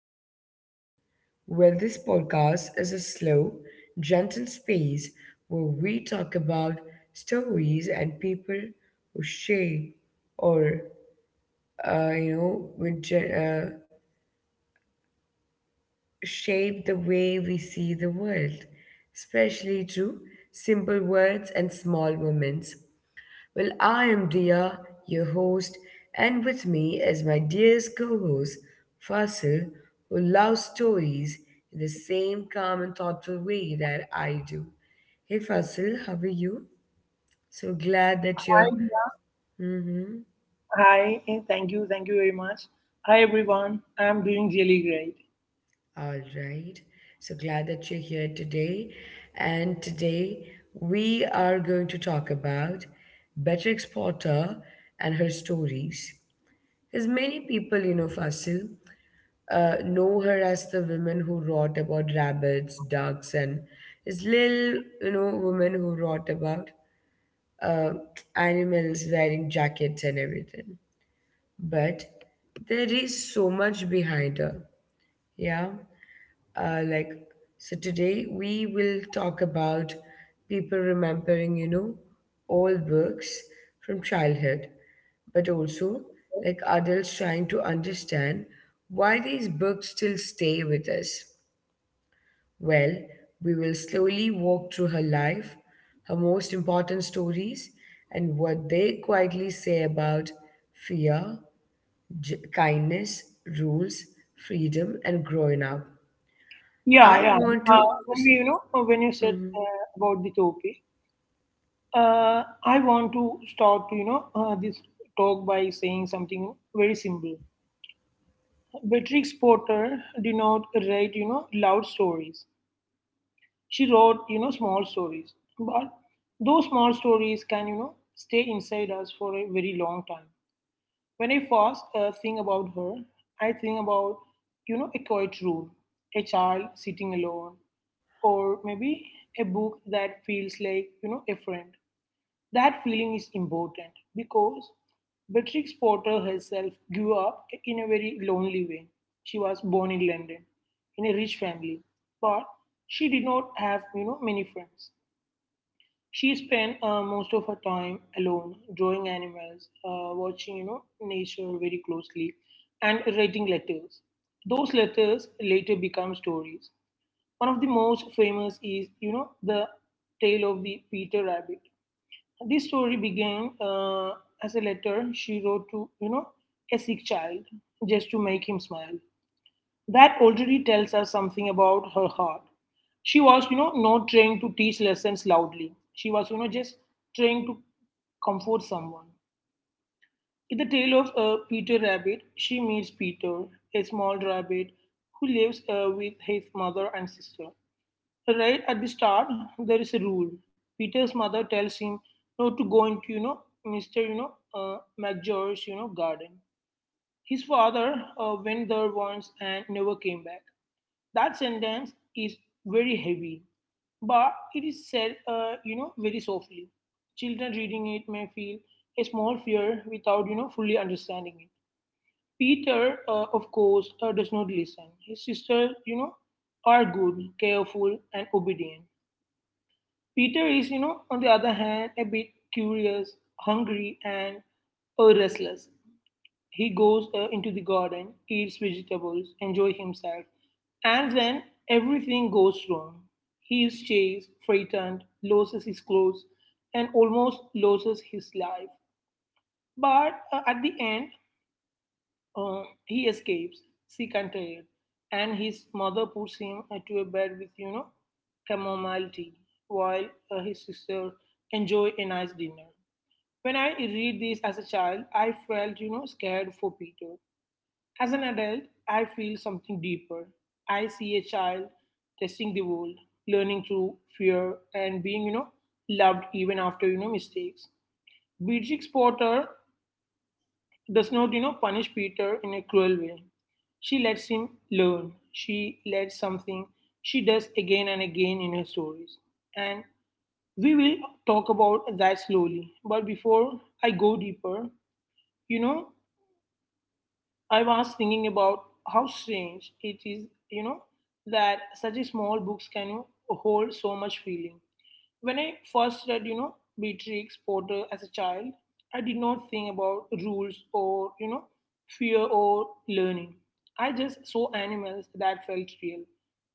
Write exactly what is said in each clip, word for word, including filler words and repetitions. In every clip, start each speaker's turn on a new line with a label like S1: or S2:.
S1: to listen. Well, this podcast is a slow, gentle space where we talk about stories and people who shape or, uh, you know, with, gen- uh, shape the way we see the world, especially through simple words and small moments. Well, I am Dia, your host, and with me is my dearest co host, Fasil, who loves stories in the same calm and thoughtful way that I do. Hey, Fasil, how are you? So glad
S2: Hi,
S1: that you're.
S2: Dia.
S1: Mhm.
S2: Hi, eh, thank you, thank you very much. Hi, everyone. I'm doing really great.
S1: All right. So glad that you're here today. And today we are going to talk about Beatrix Potter and her stories. Because many people, you know, Fasil, uh, know her as the woman who wrote about rabbits, ducks, and this little, you know, woman who wrote about uh, animals wearing jackets and everything. But there is so much behind her. Yeah, uh, like, so today we will talk about people remembering you know old books from childhood, but also like adults trying to understand why these books still stay with us. Well, we will slowly walk through her life, her most important stories, and what they quietly say about fear, j- kindness, rules, freedom, and growing up.
S2: Yeah,
S1: I
S2: yeah.
S1: want
S2: Uh,
S1: to
S2: when we,
S1: s-
S2: you know, uh, when you said
S1: Mm-hmm.
S2: uh, about the topic, uh, I want to start to, you know, uh, this talk by saying something very simple. Beatrix Potter did not write, you know, loud stories. She wrote, you know, small stories. But those small stories can, you know, stay inside us for a very long time. When I first uh, think about her, I think about, you know, a quiet room, a child sitting alone, or maybe a book that feels like, you know, a friend. That feeling is important because Beatrix Potter herself grew up in a very lonely way. She was born in London, in a rich family, but she did not have, you know, many friends. She spent uh, most of her time alone, drawing animals, uh, watching, you know, nature very closely, and writing letters. Those letters later become stories. One of the most famous is, you know, the tale of the Peter Rabbit. This story began uh, as a letter she wrote to, you know, a sick child just to make him smile. That already tells us something about her heart. She was, you know, not trying to teach lessons loudly. She was, you know, just trying to comfort someone. In the tale of uh, Peter Rabbit, she meets Peter, a small rabbit who lives uh, with his mother and sister. Right at the start, there is a rule. Peter's mother tells him not to go into, you know, mister You know, uh, McGeorge's, you know, garden. His father uh, went there once and never came back. That sentence is very heavy, but it is said, uh, you know, very softly. Children reading it may feel a small fear without, you know, fully understanding it. Peter, uh, of course, uh, does not listen. His sisters, you know, are good, careful, and obedient. Peter is, you know, on the other hand, a bit curious, hungry, and uh, restless. He goes uh, into the garden, eats vegetables, enjoys himself, and then everything goes wrong. He is chased, frightened, loses his clothes, and almost loses his life. But uh, at the end, uh, he escapes, sick and tired, and his mother puts him uh, to a bed with, you know, chamomile tea, while uh, his sister enjoy a nice dinner. When I read this as a child, I felt, you know, scared for Peter. As an adult, I feel something deeper. I see a child testing the world, learning through fear, and being, you know, loved even after, you know, mistakes. Beatrix Potter does not, you know, punish Peter in a cruel way. She lets him learn. She lets something she does again and again in her stories. And we will talk about that slowly. But before I go deeper, you know, I was thinking about how strange it is, you know, that such a small books can, you know, hold so much feeling. When I first read, you know, Beatrix Potter as a child, I did not think about rules or, you know, fear or learning. I just saw animals that felt real.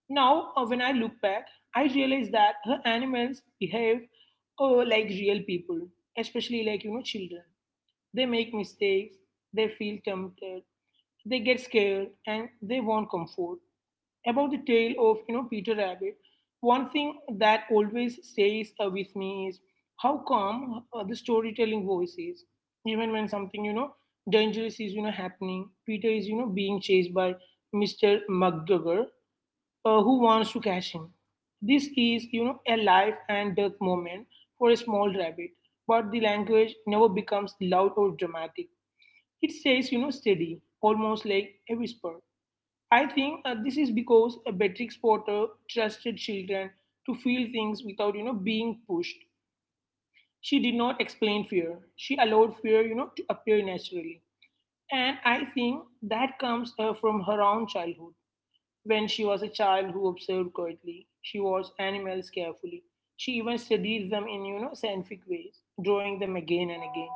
S2: Now, uh, when I look back, I realize that her animals behave uh, like real people, especially like, you know, children. They make mistakes, they feel tempted, they get scared, and they want comfort. About the tale of, you know, Peter Rabbit, one thing that always stays uh, with me is how calm uh, the storytelling voice is. Even when something, you know, dangerous is, you know, happening, Peter is, you know, being chased by mister McGregor, uh, who wants to catch him. This is, you know, a life and death moment for a small rabbit, but the language never becomes loud or dramatic. It stays, you know, steady, almost like a whisper. I think uh, this is because a Beatrix Potter trusted children to feel things without, you know, being pushed. She did not explain fear. She allowed fear, you know, to appear naturally. And I think that comes uh, from her own childhood. When she was a child who observed quietly, she watched animals carefully. She even studied them in, you know, scientific ways, drawing them again and again.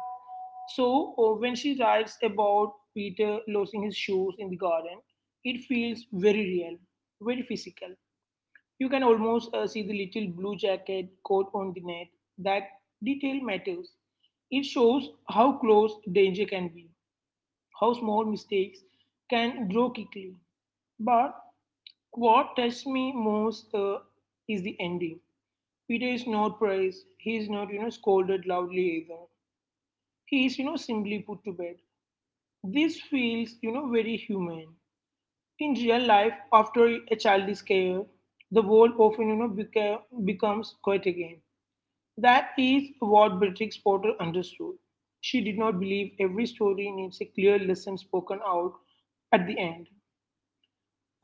S2: So uh, when she writes about Peter losing his shoes in the garden, it feels very real, very physical. You can almost uh, see the little blue jacket caught on the net. That detail matters. It shows how close danger can be, how small mistakes can grow quickly. But what touched me most uh, is the ending. Peter is not praised. He is not, you know, scolded loudly either. He is, you know, simply put to bed. This feels, you know, very human. In real life, after a child is scared, the world often, you know, beca- becomes quiet again. That is what Beatrix Potter understood. She did not believe every story needs a clear lesson spoken out at the end.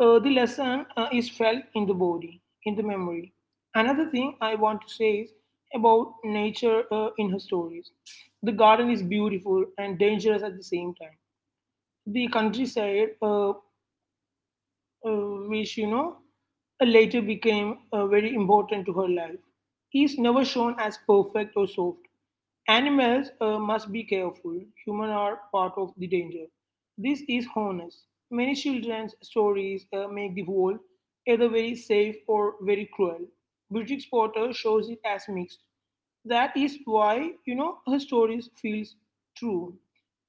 S2: Uh, the lesson uh, is felt in the body, in the memory. Another thing I want to say is about nature uh, in her stories. The garden is beautiful and dangerous at the same time. The countryside, uh, uh, which, you know, later became uh, very important to her life. He is never shown as perfect or soft. Animals uh, must be careful. Humans are part of the danger. This is honest. Many children's stories uh, make the world either very safe or very cruel. British Potter shows it as mixed. That is why, you know, her stories feels true.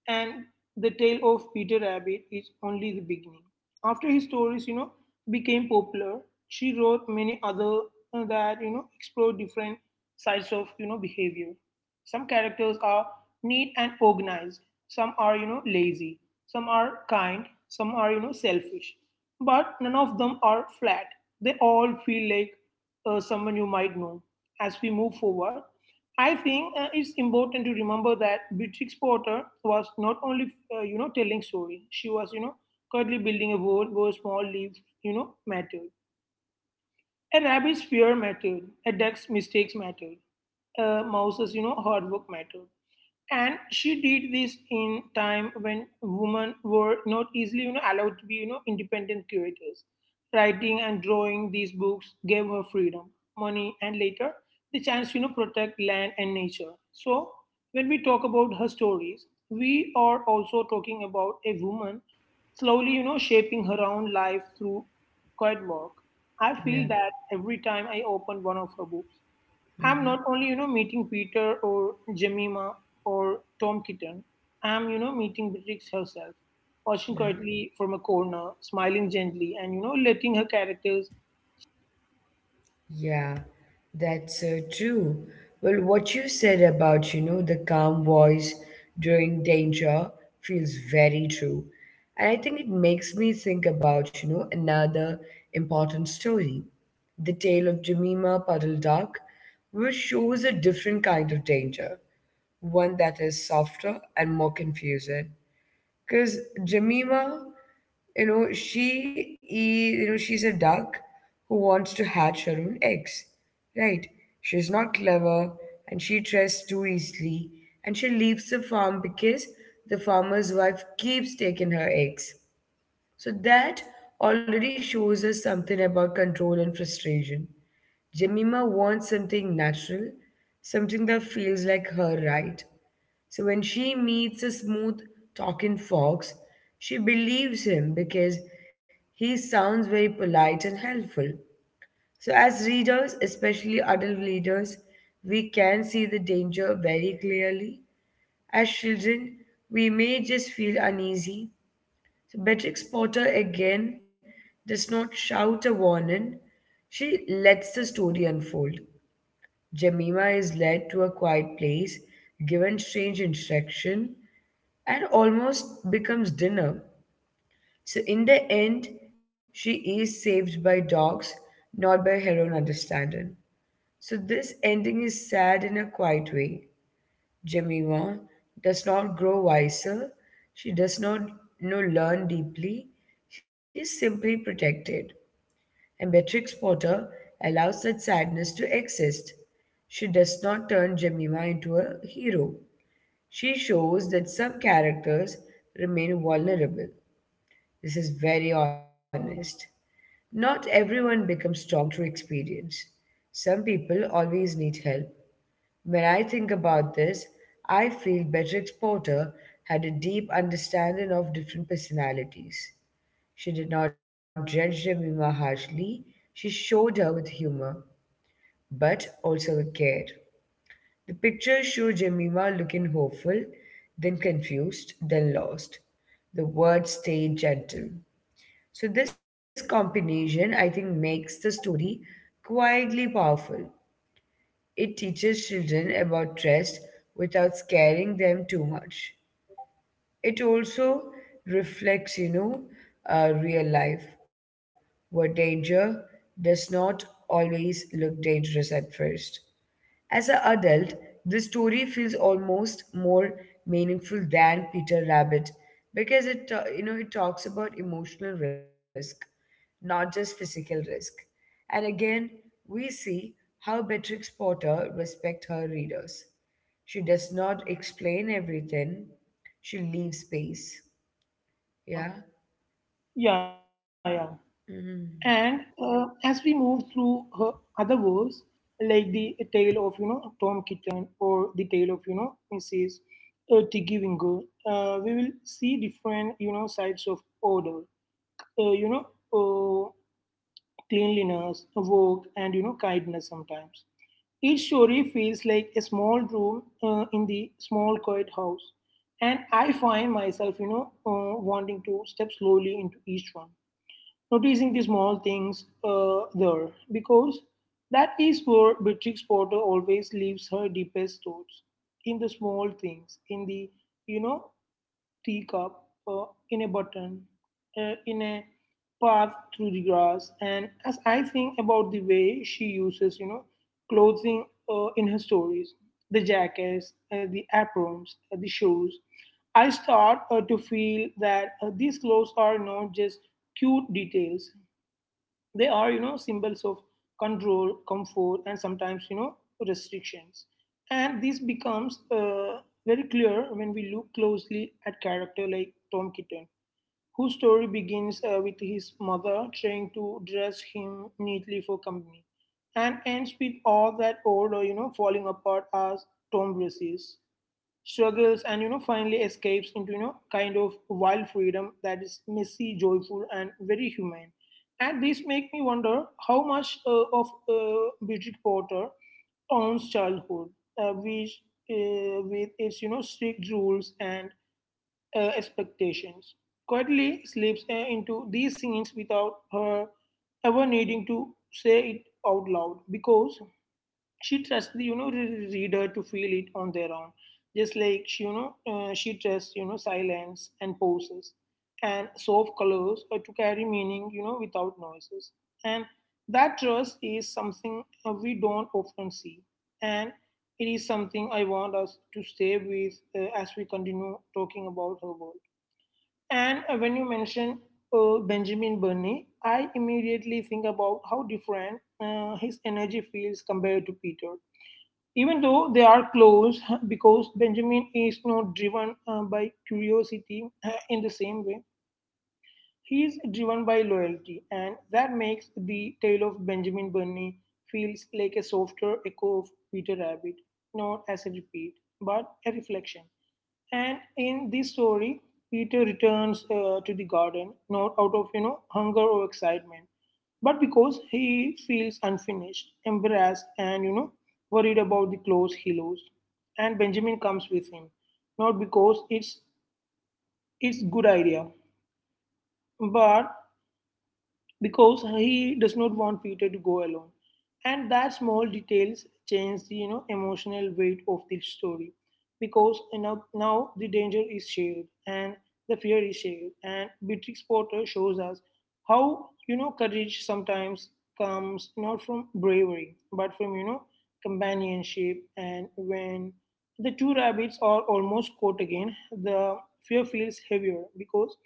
S2: And the tale of Peter Rabbit is only the beginning. After his stories, you know, became popular, she wrote many other, uh, that, you know, explore different sides of, you know, behavior. Some characters are neat and organized. Some are, you know, lazy. Some are kind. Some are, you know, selfish. But none of them are flat. They all feel like uh, someone you might know. As we move forward, I think uh, it's important to remember that Beatrix Potter was not only, uh, you know, telling story. She was, you know, quietly building a world where small lives, you know, mattered. A rabbit's fear mattered. A duck's mistakes mattered. A mouse's, you know, hard work mattered. And she did this in time when women were not easily, you know, allowed to be, you know, independent curators. Writing and drawing these books gave her freedom, money, and later the chance to, you know, protect land and nature. So when we talk about her stories, we are also talking about a woman slowly, you know, shaping her own life through quiet work. I feel
S1: Yeah.
S2: that every time I open one of her books, I'm
S1: Mm-hmm.
S2: not only, you know, meeting Peter or Jemima or Tom Kitten, I'm, you know, meeting Beatrix herself, watching
S1: Yeah.
S2: quietly from a corner, smiling gently, and, you know, letting her characters,
S1: Yeah. That's so true. Well, what you said about, you know, the calm voice during danger feels very true. And I think it makes me think about, you know, another important story, the tale of Jemima Puddle Duck, which shows a different kind of danger, one that is softer and more confusing. Because Jemima, you know, she is, you know, she's a duck who wants to hatch her own eggs, right? She's not clever, and she trusts too easily, and she leaves the farm because the farmer's wife keeps taking her eggs. So that already shows us something about control and frustration. Jemima wants something natural, something that feels like her right. So when she meets a smooth talking fox, she believes him because he sounds very polite and helpful. So as readers, especially adult readers, we can see the danger very clearly. As children, we may just feel uneasy. So Beatrix Potter again does not shout a warning. She lets the story unfold. Jemima is led to a quiet place, given strange instruction, and almost becomes dinner. So, in the end, she is saved by dogs, not by her own understanding. So, this ending is sad in a quiet way. Jemima does not grow wiser, she does not, you know, learn deeply, she is simply protected. And Beatrix Potter allows that sadness to exist. She does not turn Jemima into a hero. She shows that some characters remain vulnerable. This is very honest. Not everyone becomes strong through experience. Some people always need help. When I think about this, I feel Beatrix Potter had a deep understanding of different personalities. She did not judge Jemima harshly, she showed her with humor, but also with care. The pictures show Jemima looking hopeful, then confused, then lost. The words stayed gentle. So this combination, I think, makes the story quietly powerful. It teaches children about trust without scaring them too much. It also reflects, you know, uh, real life, where danger does not always look dangerous at first. As an adult, this story feels almost more meaningful than Peter Rabbit because it ta- you know it talks about emotional risk, not just physical risk. And again, we see how Beatrix Potter respects her readers. She does not explain everything. She leaves space. Yeah.
S2: yeah, yeah. And uh, as we move through her other works, like the tale of, you know, Tom Kitten or the tale of, you know, missus Uh, Tiggy Wingo, uh, we will see different, you know, sides of order, uh, you know, uh, cleanliness, work, and, you know, kindness sometimes. Each story feels like a small room uh, in the small quiet house, and I find myself, you know, uh, wanting to step slowly into each one, noticing the small things uh, there, because that is where Beatrix Potter always leaves her deepest thoughts in the small things, in the, you know, teacup, uh, in a button, uh, in a path through the grass, and as I think about the way she uses, you know, clothing uh, in her stories, the jackets, uh, the aprons, uh, the shoes, I start uh, to feel that uh, these clothes are not just cute details; they are, you know, symbols of control, comfort, and sometimes, you know, restrictions, and this becomes uh, very clear when we look closely at character like Tom Kitten, whose story begins uh, with his mother trying to dress him neatly for company and ends with all that old or, you know, falling apart as Tom dresses struggles and, you know, finally escapes into, you know, kind of wild freedom that is messy, joyful, and very humane. And this make me wonder how much uh, of uh, Bridget Porter owns childhood, uh, which uh, with its, you know, strict rules and, uh, expectations, quietly slips uh, into these scenes without her ever needing to say it out loud, because she trusts the, you know re- reader to feel it on their own, just like she, you know uh, she trusts, you know, silence and pauses and soft colors uh, to carry meaning, you know, without noises. And that trust is something uh, we don't often see, and it is something I want us to stay with uh, as we continue talking about her work. And uh, when You mention uh, Benjamin Burney. I immediately think about how different uh, his energy feels compared to Peter, even though they are close because Benjamin is not driven uh, by curiosity uh, in the same way. He is driven by loyalty, and that makes the tale of Benjamin Bunny feels like a softer echo of Peter Rabbit, not as a repeat, but a reflection. And in this story, Peter returns uh, to the garden, not out of you know hunger or excitement, but because he feels unfinished, embarrassed, and you know worried about the clothes he lost. And Benjamin comes with him, not because it's it's good idea, but because he does not want Peter to go alone. And that small details change the you know emotional weight of the story because you know, now the danger is shared, and the fear is shared, and Beatrix Potter shows us how you know courage sometimes comes not from bravery but from you know companionship. And when the two rabbits are almost caught again, the fear feels heavier because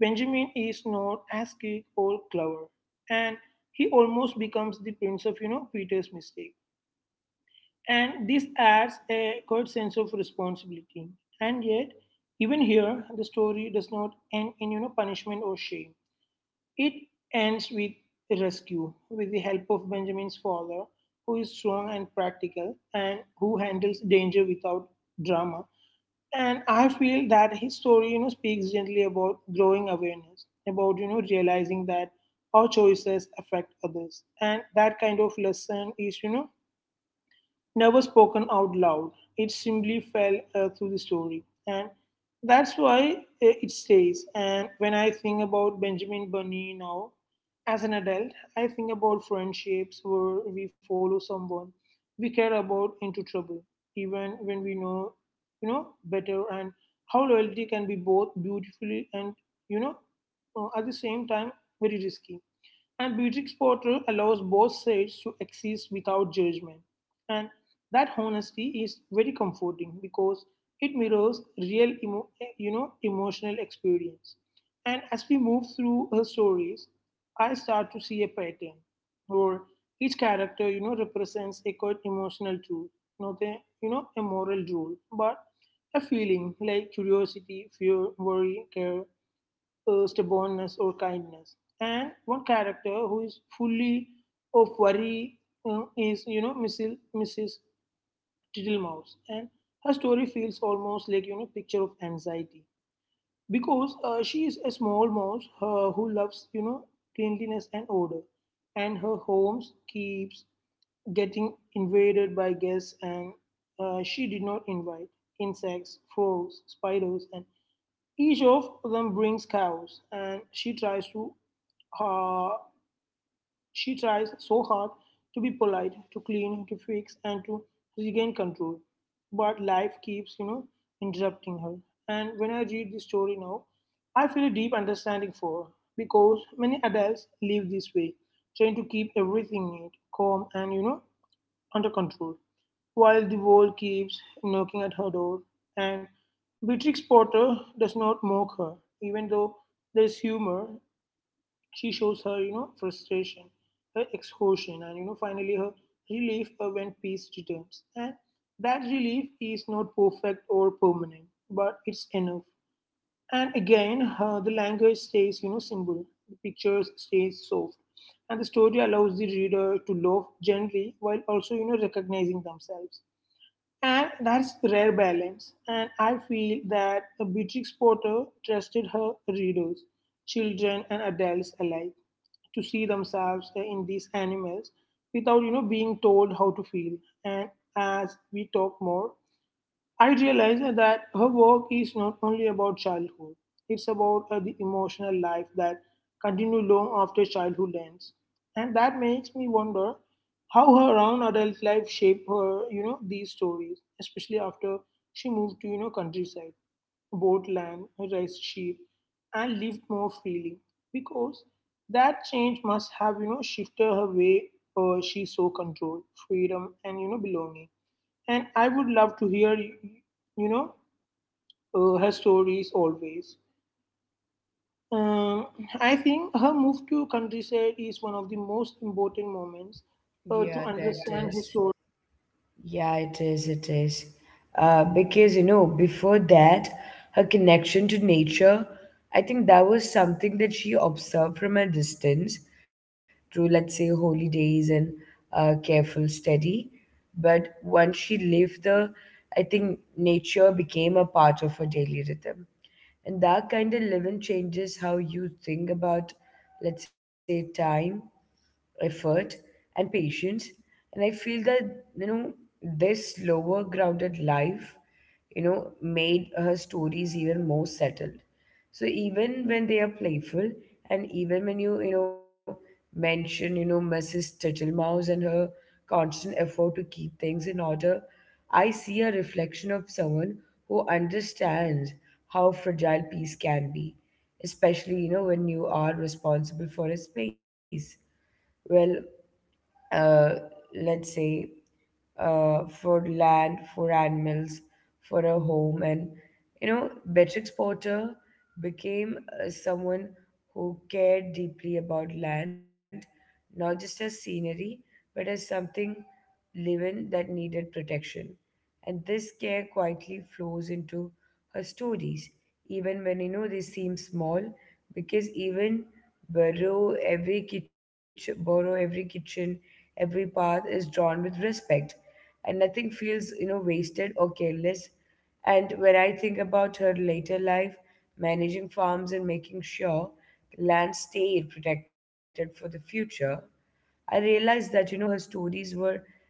S2: Benjamin is not as quick or clever, and he almost becomes the prince of, you know, Peter's mistake. And this adds a good sense of responsibility. And yet, even here, the story does not end in, you know, punishment or shame. It ends with rescue, with the help of Benjamin's father, who is strong and practical, and who handles danger without drama. And I feel that his story, you know, speaks gently about growing awareness, about you know realizing that our choices affect others, and that kind of lesson is you know never spoken out loud. It simply fell uh, through the story. And that's why uh, it stays. And when I think about Benjamin Bunny now, as an adult, I think about friendships where we follow someone we care about into trouble, even when we know, you know, better, and how loyalty can be both beautifully and, you know, uh, at the same time, very risky. And Beatrix Potter allows both sides to exist without judgment. And that honesty is very comforting because it mirrors real emo- you know emotional experience. And as we move through her stories, I start to see a pattern where each character, you know, represents a good emotional truth, not a you know a moral rule, but a feeling like curiosity, fear, worry, care, uh, stubbornness or kindness. And one character who is fully of worry uh, is, you know, Missus Mrs. Tittlemouse. And her story feels almost like, you know, picture of anxiety because uh, she is a small mouse uh, who loves, you know, cleanliness and order. And her homes keeps getting invaded by guests, and uh, she did not invite insects, frogs, spiders, and each of them brings cows, and she tries to uh, she tries so hard to be polite, to clean, to fix, and to regain control. But life keeps, you know, interrupting her. And when I read this story now, I feel a deep understanding for her because many adults live this way, trying to keep everything neat, calm, and you know, under control, while the wall keeps knocking at her door. And Beatrix Potter does not mock her, even though there's humor. She shows her, you know, frustration, her exhaustion, and you know, finally her relief uh, when peace returns. And that relief is not perfect or permanent, but it's enough. And again, uh, the language stays, you know, simple. The pictures stay soft, and the story allows the reader to love gently while also, you know, recognizing themselves. And that's rare balance. And I feel that Beatrix Potter trusted her readers, children and adults alike, to see themselves in these animals without, you know, being told how to feel. And as we talk more, I realize that her work is not only about childhood, it's about uh, the emotional life that continues long after childhood ends. And that makes me wonder how her own adult life shaped her, you know, these stories, especially after she moved to, you know, countryside, bought land, raised sheep, and lived more freely. Because that change must have, you know, shifted her way uh, she saw control, freedom, and, you know, belonging. And I would love to hear you know uh, her stories always. Um, I think her move to countryside is one of the most important moments uh, to
S1: Yeah, that
S2: understand
S1: is.
S2: history.
S1: Yeah, it is, it is. Uh, because, you know, before that, her connection to nature, I think that was something that she observed from a distance through, let's say, holy days and uh, careful study. But once she lived the, I think nature became a part of her daily rhythm. And that kind of living changes how you think about, let's say, time, effort, and patience. And I feel that, you know this slower, grounded life, you know made her stories even more settled. So even when they are playful, and even when you you know mention, you know Mrs. Tittlemouse and her constant effort to keep things in order, I see a reflection of someone who understands how fragile peace can be, especially, you know when you are responsible for a space. Well, uh, let's say, uh, for land, for animals, for a home. And, you know, Beatrix Potter became, uh, someone who cared deeply about land, not just as scenery, but as something living that needed protection. And this care quietly flows into her stories, even when, you know they seem small, because even burrow every kitchen burrow every kitchen, every path is drawn with respect. And nothing feels, you know, wasted or careless. And when I think about her later life, managing farms and making sure the land stayed protected for the future, I realized that, you know, her stories were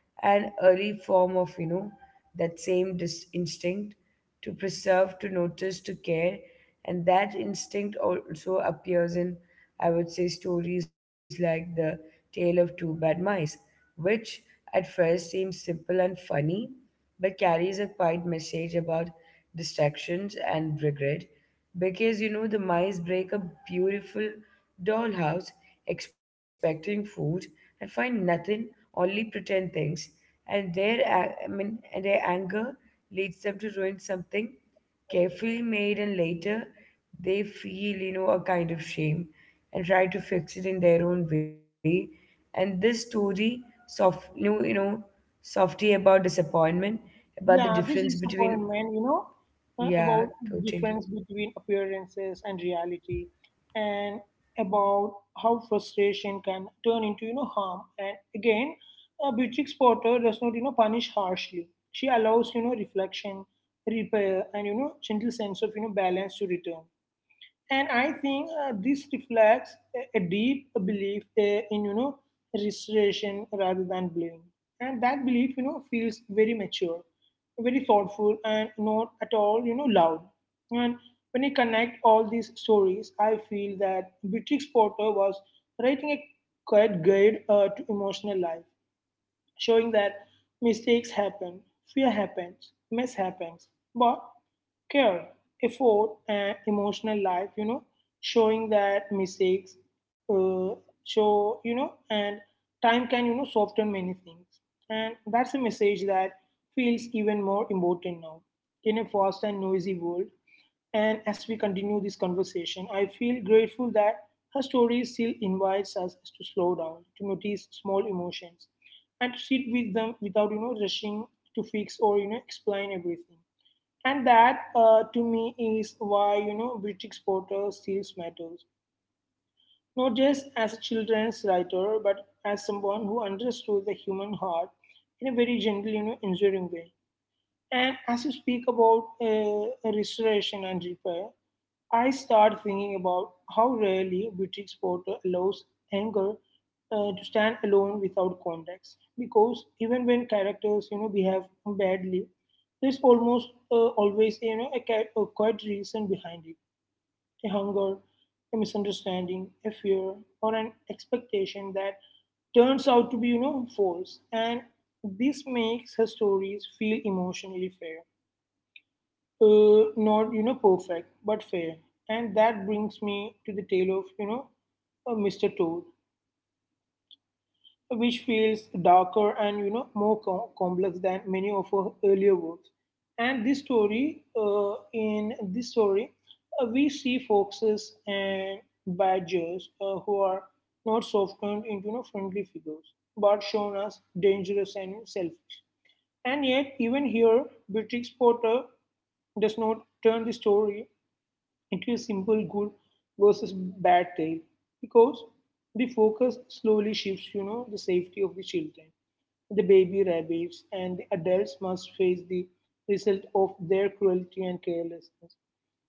S1: an early form of, you know, that same dis- instinct to preserve, to notice, to care. And that instinct also appears in, I would say, stories like The Tale of Two Bad Mice, which at first seems simple and funny, but carries a quiet message about distractions and regret. Because, you know the mice break a beautiful dollhouse expecting food and find nothing, only pretend things. And their a- I mean, and their anger leads them to ruin something carefully made, and later they feel, you know, a kind of shame and try to fix it in their own way. And this story soft you know, you know, softy about disappointment, about the
S2: Yeah, this
S1: difference between,
S2: disappointment, you know, uh,
S1: yeah,
S2: about the
S1: totally.
S2: difference between appearances and reality, and about how frustration can turn into, you know, harm. And again, uh, Beatrix Potter does not, you know, punish harshly. She allows, you know, reflection, repair, and you know, gentle sense of, you know, balance to return. And I think uh, this reflects a, a deep belief uh, in, you know, restoration rather than blame. And that belief, you know, feels very mature, very thoughtful, and not at all, you know, loud. And when I connect all these stories, I feel that Beatrix Potter was writing a quiet guide uh, to emotional life, showing that mistakes happen, fear happens, mess happens, but care, effort, and emotional life, you know, showing that mistakes uh, show, you know, and time can, you know, soften many things. And that's a message that feels even more important now in a fast and noisy world. And as we continue this conversation, I feel grateful that her story still invites us to slow down, to notice small emotions, and to sit with them without, you know, rushing to fix or, you know, explain everything. And that, uh, to me, is why you know British Potter still matters, not just as a children's writer, but as someone who understood the human heart in a very gentle, you know, enduring way. And as you speak about uh, restoration and repair, I start thinking about how rarely British Potter allows anger uh, to stand alone without context. Because even when characters, you know, behave badly, there's almost uh, always, you know, a, ca- a quiet reason behind it: a hunger, a misunderstanding, a fear, or an expectation that turns out to be, you know, false. And this makes her stories feel emotionally fair, uh, not you know perfect but fair. And that brings me to the tale of you know uh, Mr. Toad, which feels darker and you know more com- complex than many of her earlier works. And this story uh, in this story uh, we see foxes and badgers uh, who are not softened into you know, friendly figures but shown as dangerous and selfish. And yet even here Beatrix Potter does not turn the story into a simple good versus bad tale, because the focus slowly shifts, you know, the safety of the children. The baby rabbits and the adults must face the result of their cruelty and carelessness.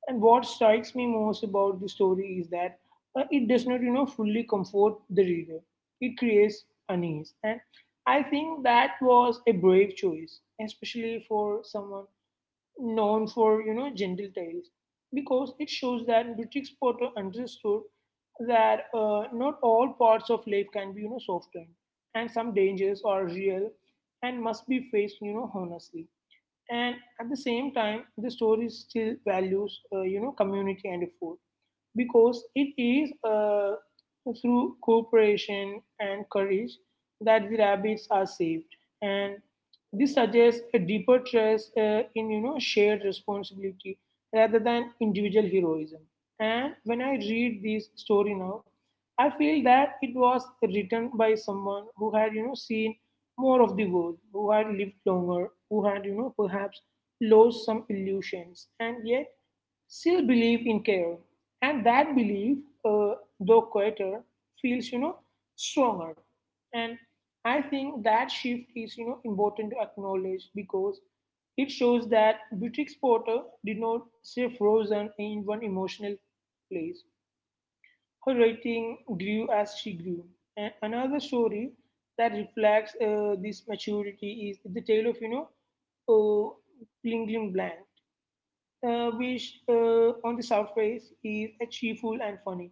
S2: And what strikes me most about the story is that uh, it does not, you know, fully comfort the reader. It creates unease. And I think that was a brave choice, especially for someone known for you know gentle tales, because it shows that British Potter understood that uh, not all parts of life can be you know softened, and some dangers are real and must be faced you know honestly. And at the same time the story still values uh, you know community and food, because it is uh, through cooperation and courage that the rabbits are saved. And this suggests a deeper trust uh, in you know shared responsibility rather than individual heroism. And when I read this story now, I feel that it was written by someone who had you know seen more of the world, who had lived longer, who had, you know, perhaps lost some illusions, and yet still believe in care. And that belief, uh, though quieter, feels, you know, stronger. And I think that shift is, you know, important to acknowledge because it shows that British Porter did not stay frozen in one emotional place. Her writing grew as she grew. A- Another story that reflects uh, this maturity is the tale of, you know, uh, Blingling Bland, uh, which uh, on the surface is a cheerful and funny,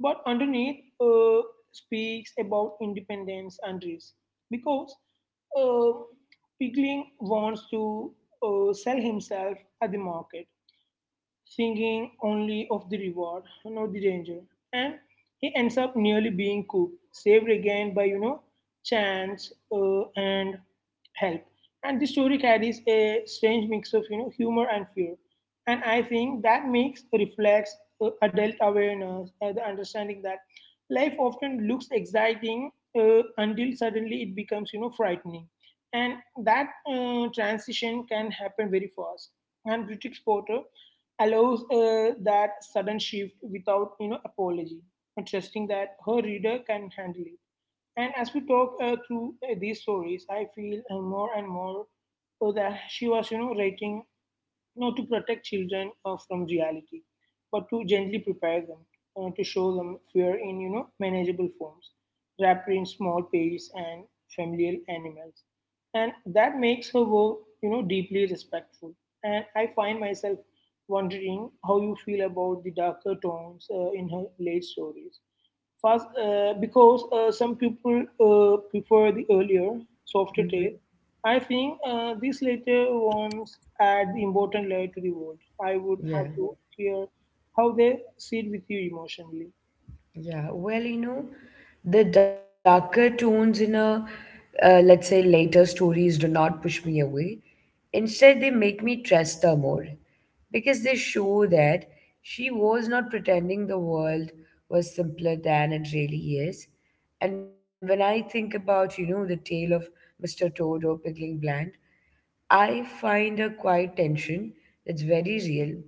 S2: but underneath uh, speaks about independence and risk because uh, Pigling wants to uh, sell himself at the market, thinking only of the reward, not the danger. And he ends up nearly being cooked, saved again by, you know, chance uh, and help. And the story carries a strange mix of, you know, humor and fear. And I think that makes reflects uh, adult awareness, uh, the understanding that life often looks exciting uh, until suddenly it becomes, you know, frightening. And that uh, transition can happen very fast. And British Porter allows uh, that sudden shift without you know apology, and trusting that her reader can handle it. And as we talk uh, through uh, these stories, I feel uh, more and more uh, that she was you know writing not to protect children uh, from reality, but to gently prepare them, uh, to show them fear in you know manageable forms, wrapped in small pages and familiar animals, and that makes her work you know deeply respectful. And I find myself wondering how you feel about the darker tones uh, in her late stories. First, uh, because uh, some people uh, prefer the earlier, softer taste. I think uh, these later ones add the important layer to the world. I would
S1: Yeah.
S2: have to hear how they sit with you emotionally.
S1: Yeah, well, you know, the darker tones in a, uh, let's say, later stories do not push me away. Instead, they make me trust her more because they show that she was not pretending the world was simpler than it really is. And when I think about, you know, the tale of mister Toad or Piggling Bland, I find a quiet tension that's very real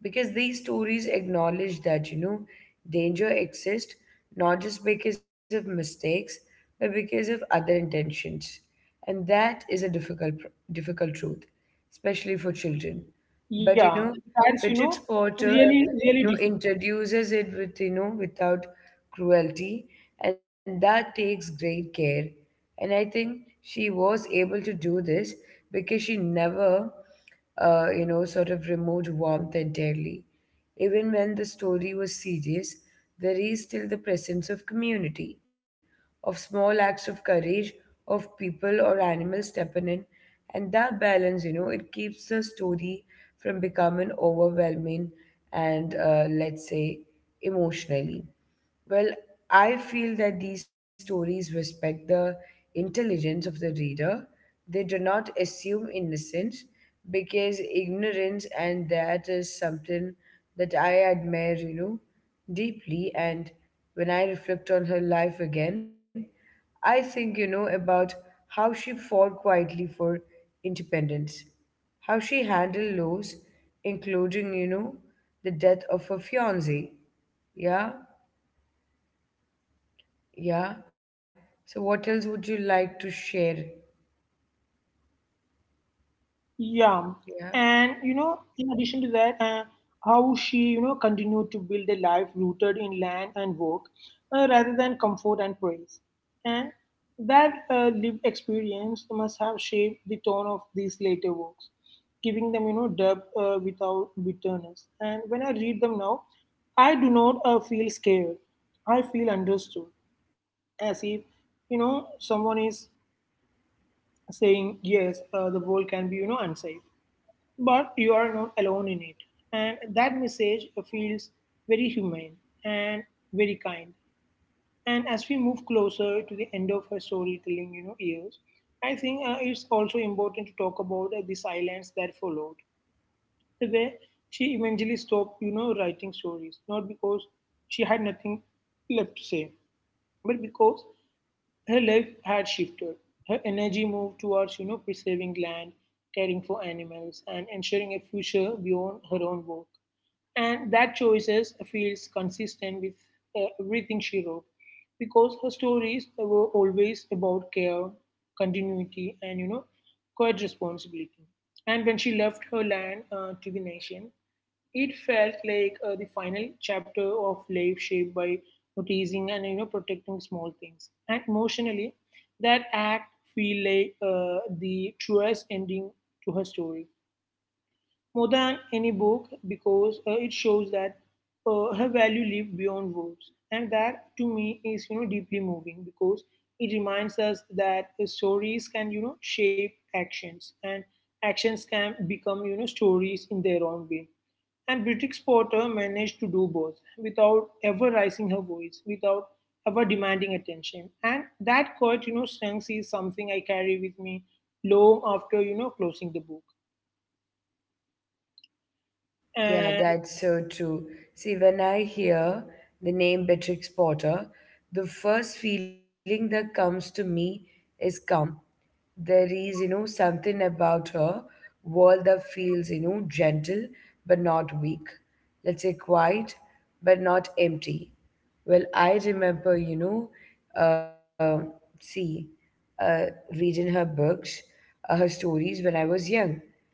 S1: because these stories acknowledge that, you know danger exists not just because of mistakes but because of other intentions, and that is a difficult pr- difficult truth, especially for children. But, you
S2: Yeah,
S1: know
S2: that's you
S1: Patrick
S2: know
S1: Porter,
S2: really really
S1: you know
S2: difficult.
S1: introduces it with you know without cruelty, and that takes great care. And I think she was able to do this because she never, uh, you know, sort of removed warmth entirely. Even when the story was serious, there is still the presence of community, of small acts of courage, of people or animals stepping in, and that balance, you know, it keeps the story from becoming overwhelming and, uh, let's say, emotionally. Well, I feel that these stories respect the intelligence of the reader. They do not assume innocence because ignorance, and that is something that I admire, you know, deeply. And when I reflect on her life again, I think, you know, about how she fought quietly for independence, how she handled loss, including, you know, the death of her fiance. Yeah. Yeah. So what else would you like to share?
S2: Yeah, and you know,
S1: Yeah.
S2: in addition to that, uh, how she you know continued to build a life rooted in land and work, uh, rather than comfort and praise, and that uh, lived experience must have shaped the tone of these later works, giving them you know depth uh, without bitterness. And when I read them now, I do not uh, feel scared. I feel understood, as if you know someone is saying yes, uh, the world can be you know unsafe, but you are not alone in it. And that message feels very humane and very kind. And as we move closer to the end of her storytelling, you know, years, I think uh, it's also important to talk about uh, the silence that followed. The way she eventually stopped, you know, writing stories, not because she had nothing left to say, but because her life had shifted. Her energy moved towards, you know, preserving land, caring for animals, and ensuring a future beyond her own work. And that choices feels consistent with uh, everything she wrote, because her stories were always about care, continuity, and you know, quiet responsibility. And when she left her land uh, to the nation, it felt like uh, the final chapter of life shaped by noticing and you know protecting small things. And emotionally, that act feel like uh, the truest ending to her story, more than any book, because uh, it shows that uh, her value lived beyond words. And that to me is you know deeply moving, because it reminds us that the stories can you know shape actions, and actions can become you know stories in their own way. And British Potter managed to do both without ever raising her voice, without ever demanding attention. And that quite, you know, strength is something I carry with me long after, you know, closing the book.
S1: Yeah,
S2: And.
S1: that's so true. See, when I hear the name Beatrix Potter, the first feeling that comes to me is calm. There is, you know, something about her world that feels, you know, gentle but not weak. Let's say quiet but not empty. Well, I remember, you know, uh, see, uh, reading her books. Uh, her stories when I was young.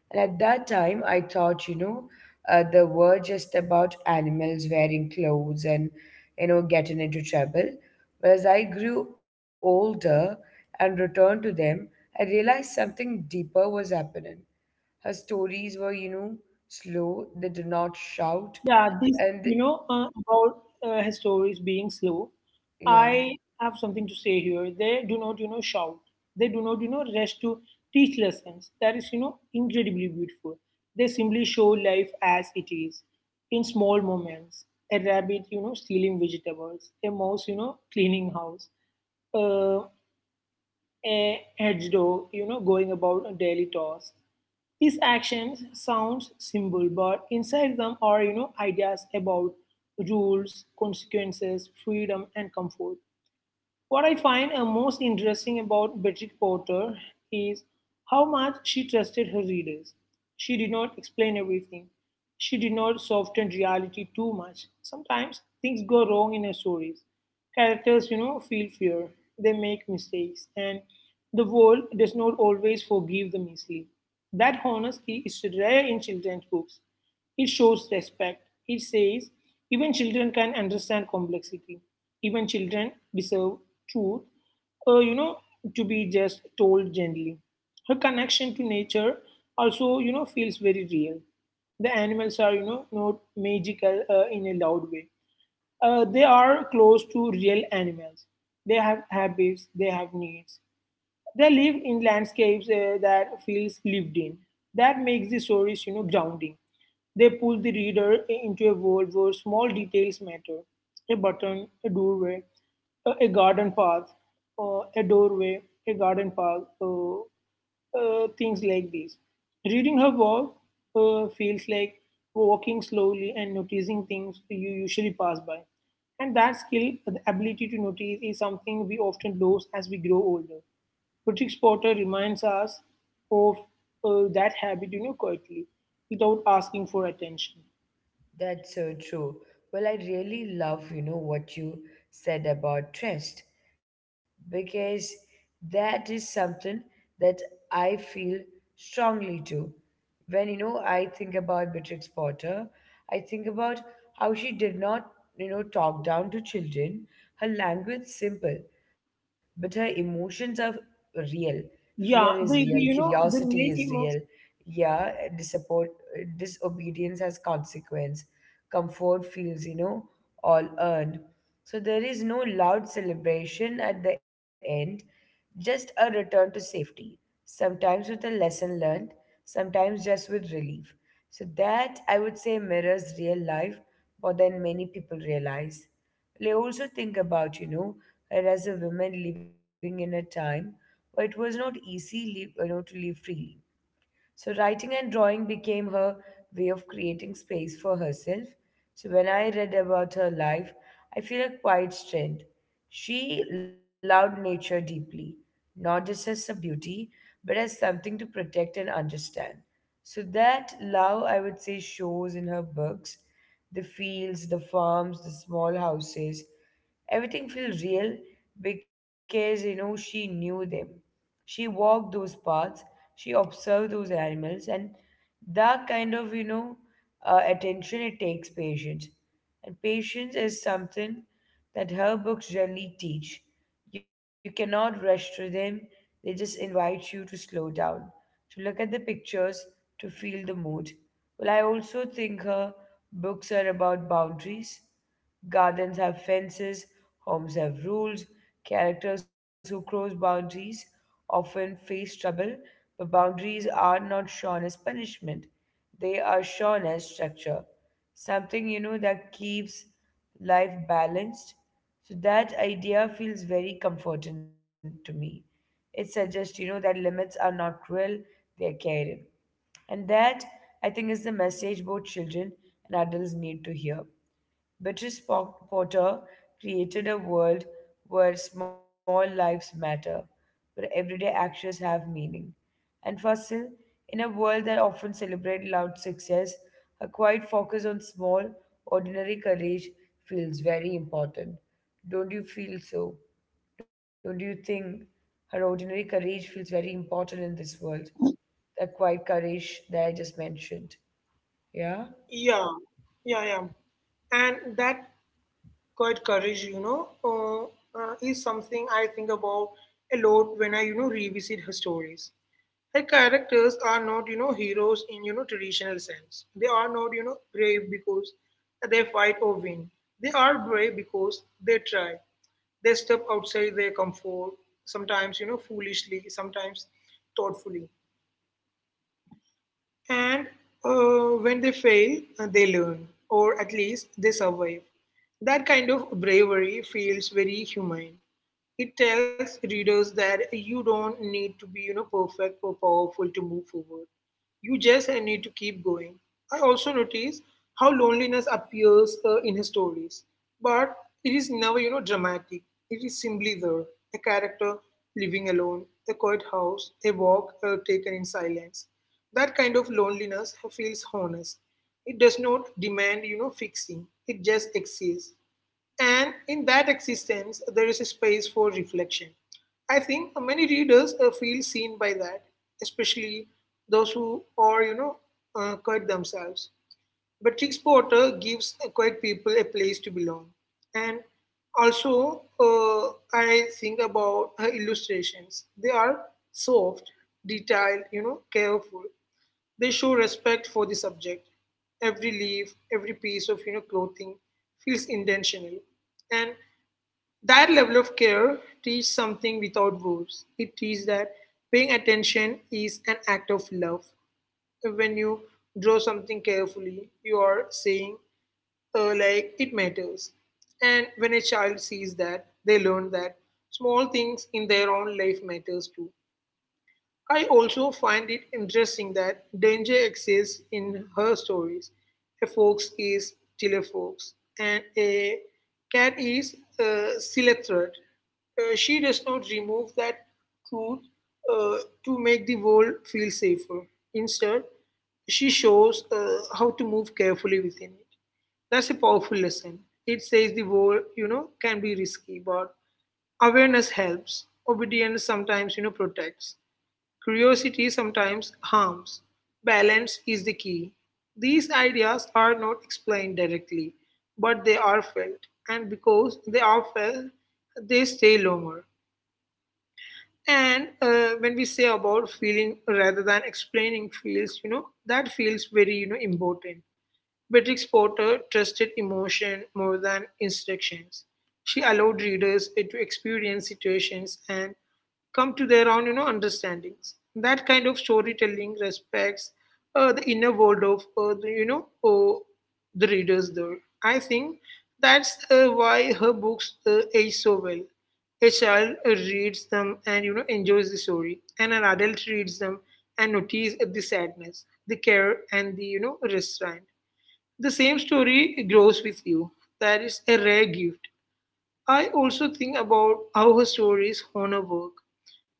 S1: And at that time, I thought, you know, uh, they were just about animals wearing clothes and, you know, getting into trouble. But as I grew older and returned to them, I realized something deeper was happening. Her stories were, you know, slow, they did not
S2: Yeah,
S1: shout.
S2: this, you
S1: And,
S2: know,
S1: they-
S2: uh, about uh, his stories being slow,
S1: yeah.
S2: I have something to say here. They do not, you know, shout. They do not, you know, rush to teach lessons. That is, you know, incredibly beautiful. They simply show life as it is, in small moments. A rabbit, you know, stealing vegetables. A mouse, you know, cleaning house. Uh, a hedgehog, you know, going about a daily toss. His actions sounds simple, but inside them are, you know, ideas about rules, consequences, freedom, and comfort. What I find uh, most interesting about Bridget Porter is how much she trusted her readers. She did not explain everything. She did not soften reality too much. Sometimes things go wrong in her stories. Characters, you know, feel fear. They make mistakes, and the world does not always forgive them easily. That honesty is rare in children's books. It shows respect. It says, even children can understand complexity. Even children deserve truth, uh, you know, to be just told gently. Her connection to nature also, you know, feels very real. The animals are, you know, not magical uh, in a loud way. Uh, they are close to real animals. They have habits, they have needs. They live in landscapes uh, that feels lived in. That makes the stories, you know, grounding. They pull the reader into a world where small details matter. A button, a doorway, a, a garden path, uh, a doorway, a garden path. Uh, uh, things like these. Reading her work uh, feels like walking slowly and noticing things you usually pass by. And that skill, the ability to notice, is something we often lose as we grow older. Patrick Potter reminds us of uh, that habit, you know, quietly, without asking for attention.
S1: That's so true. Well, I really love, you know, what you said about trust, because that is something that I feel strongly too. When, you know, I think about Beatrix Potter, I think about how she did not, you know, talk down to children. Her language simple, but her emotions are real. Fear is
S2: Yeah,
S1: real,
S2: the, the you know the
S1: curiosity is
S2: main
S1: real,
S2: emotion.
S1: yeah, disapport- disobedience has consequence, comfort feels, you know all earned. So there is no loud celebration at the end, just a return to safety, sometimes with a lesson learned, sometimes just with relief. So that, I would say, mirrors real life more than many people realize. I also think about, you know, her as a woman living in a time where it was not easy, live, you know, to live freely. So, writing and drawing became her way of creating space for herself. So, when I read about her life, I feel a quiet strength. She loved nature deeply, not just as a beauty, but as something to protect and understand. So, that love, I would say, shows in her books, the fields, the farms, the small houses. Everything feels real because, you know, she knew them. She walked those paths, she observed those animals, and that kind of, you know, uh, attention, it takes patience. And patience is something that her books generally teach. You cannot rush through them, they just invite you to slow down, to look at the pictures, to feel the mood. Well, I also think her books are about boundaries. Gardens have fences, homes have rules. Characters who cross boundaries often face trouble, but boundaries are not shown as punishment. They are shown as structure. Something, you know, that keeps life balanced. So that idea feels very comforting to me. It suggests, you know, that limits are not cruel, they are caring. And that, I think, is the message both children and adults need to hear. Beatrice Po- Potter created a world where small lives matter, where everyday actions have meaning. And Fasil, in a world that often celebrates loud success, a quiet focus on small, ordinary courage feels very important. Don't you feel so? Don't you think her ordinary courage feels very important in this world? That quiet courage that I just mentioned. Yeah?
S2: Yeah, yeah, yeah, and that quite courage, you know, uh, uh, is something I think about a lot when I, you know, revisit her stories. Her characters are not, you know, heroes in, you know, traditional sense. They are not, you know, brave because they fight or win. They are brave because they try. They step outside their comfort, sometimes, you know, foolishly, sometimes thoughtfully. And uh, when they fail, uh, they learn, or at least they survive. That kind of bravery feels very humane. It tells readers that you don't need to be, you know, perfect or powerful to move forward. You just uh, need to keep going. I also notice how loneliness appears uh, in his stories, but it is never, you know, dramatic. It is simply there, a character living alone, a quiet house, a walk uh, taken in silence. That kind of loneliness feels honest. It does not demand, you know, fixing. It just exists. And in that existence, there is a space for reflection. I think many readers uh, feel seen by that, especially those who are, you know, uh, quiet themselves. But Trix Porter gives uh, quiet people a place to belong. And also, uh, I think about her illustrations. They are soft, detailed, you know, careful. They show respect for the subject. Every leaf, every piece of you know clothing feels intentional, and that level of care teaches something without words. It teaches that paying attention is an act of love. When you draw something carefully, you are saying, uh, like it matters. And when a child sees that, they learn that small things in their own life matters too. I also find it interesting that danger exists in her stories. A fox is Chilefox, and a cat is uh, Silethrid. Uh, she does not remove that truth uh, to make the world feel safer. Instead, she shows uh, how to move carefully within it. That's a powerful lesson. It says the world, you know, can be risky, but awareness helps. Obedience sometimes, you know, protects. Curiosity sometimes harms. Balance is the key. These ideas are not explained directly, but they are felt. And because they are felt, they stay longer. And uh, when we say about feeling rather than explaining feels, you know, that feels very, you know, important. Beatrix Potter trusted emotion more than instructions. She allowed readers eh, to experience situations and come to their own, you know, understandings. That kind of storytelling respects uh, the inner world of, uh, the, you know, uh, the readers. There, I think that's uh, why her books uh, age so well. A child uh, reads them and you know enjoys the story, and an adult reads them and notices the sadness, the care, and the you know restraint. The same story grows with you. That is a rare gift. I also think about how her stories honor work.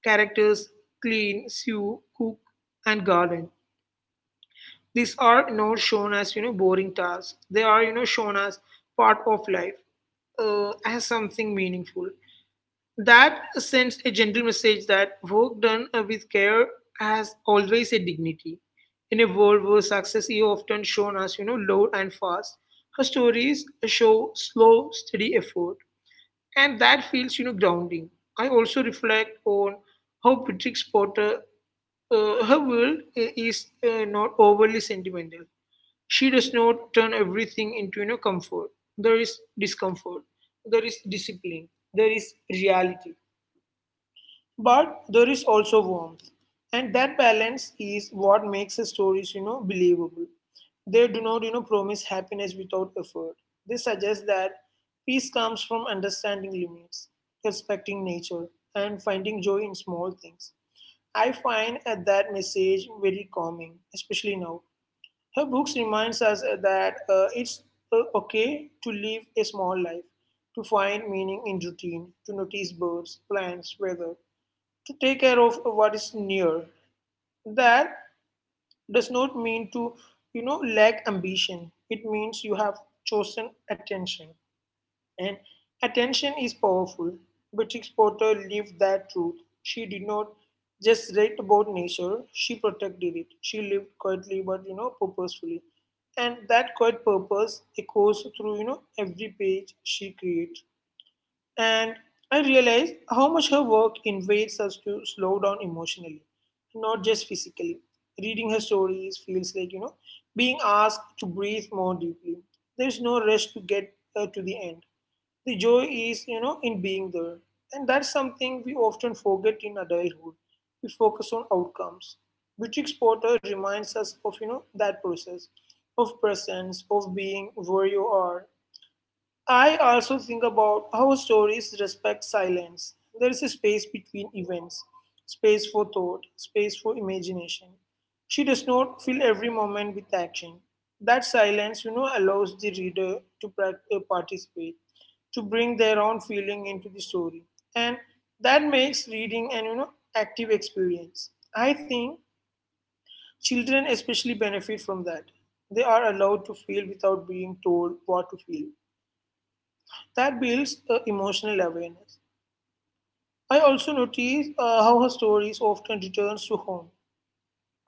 S2: Characters clean, sew, cook, and garden. These are not shown as you know boring tasks. They are you know shown as part of life, uh, as something meaningful. That sends a gentle message that work done uh, with care has always a dignity. In a world where success is often shown as, you know, loud and fast, her stories show slow, steady effort. And that feels, you know, grounding. I also reflect on how Patrick Potter, uh, her world i- is uh, not overly sentimental. She does not turn everything into, you know, comfort. There is discomfort. There is discipline. There is reality, but there is also warmth, and that balance is what makes the stories you know believable. They do not you know promise happiness without effort. They suggest that peace comes from understanding limits, respecting nature, and finding joy in small things. I find uh, that message very calming, especially now. Her books reminds us uh, that uh, it's uh, okay to live a small life, to find meaning in routine, to notice birds, plants, weather, to take care of what is near. That does not mean to you know lack ambition. It means you have chosen attention, and attention is powerful. Beatrix Potter lived that truth. She did not just write about nature, she protected it. She lived quietly but you know purposefully, and that quiet purpose echoes through you know every page she creates. And I realized how much her work invites us to slow down emotionally, not just physically. Reading her stories feels like, you know, being asked to breathe more deeply. There's no rush to get uh, to the end. The joy is, you know, in being there. And that's something we often forget in adulthood. We focus on outcomes. Beatrix Potter reminds us of, you know, that process of presence, of being where you are. I also think about how stories respect silence. There is a space between events, space for thought, space for imagination. She does not fill every moment with action. That silence, you know, allows the reader to prac- uh, participate, to bring their own feeling into the story, and that makes reading an you know active experience. I think children especially benefit from that. They are allowed to feel without being told what to feel. That builds uh, emotional awareness. I also notice uh, how her stories often returns to home.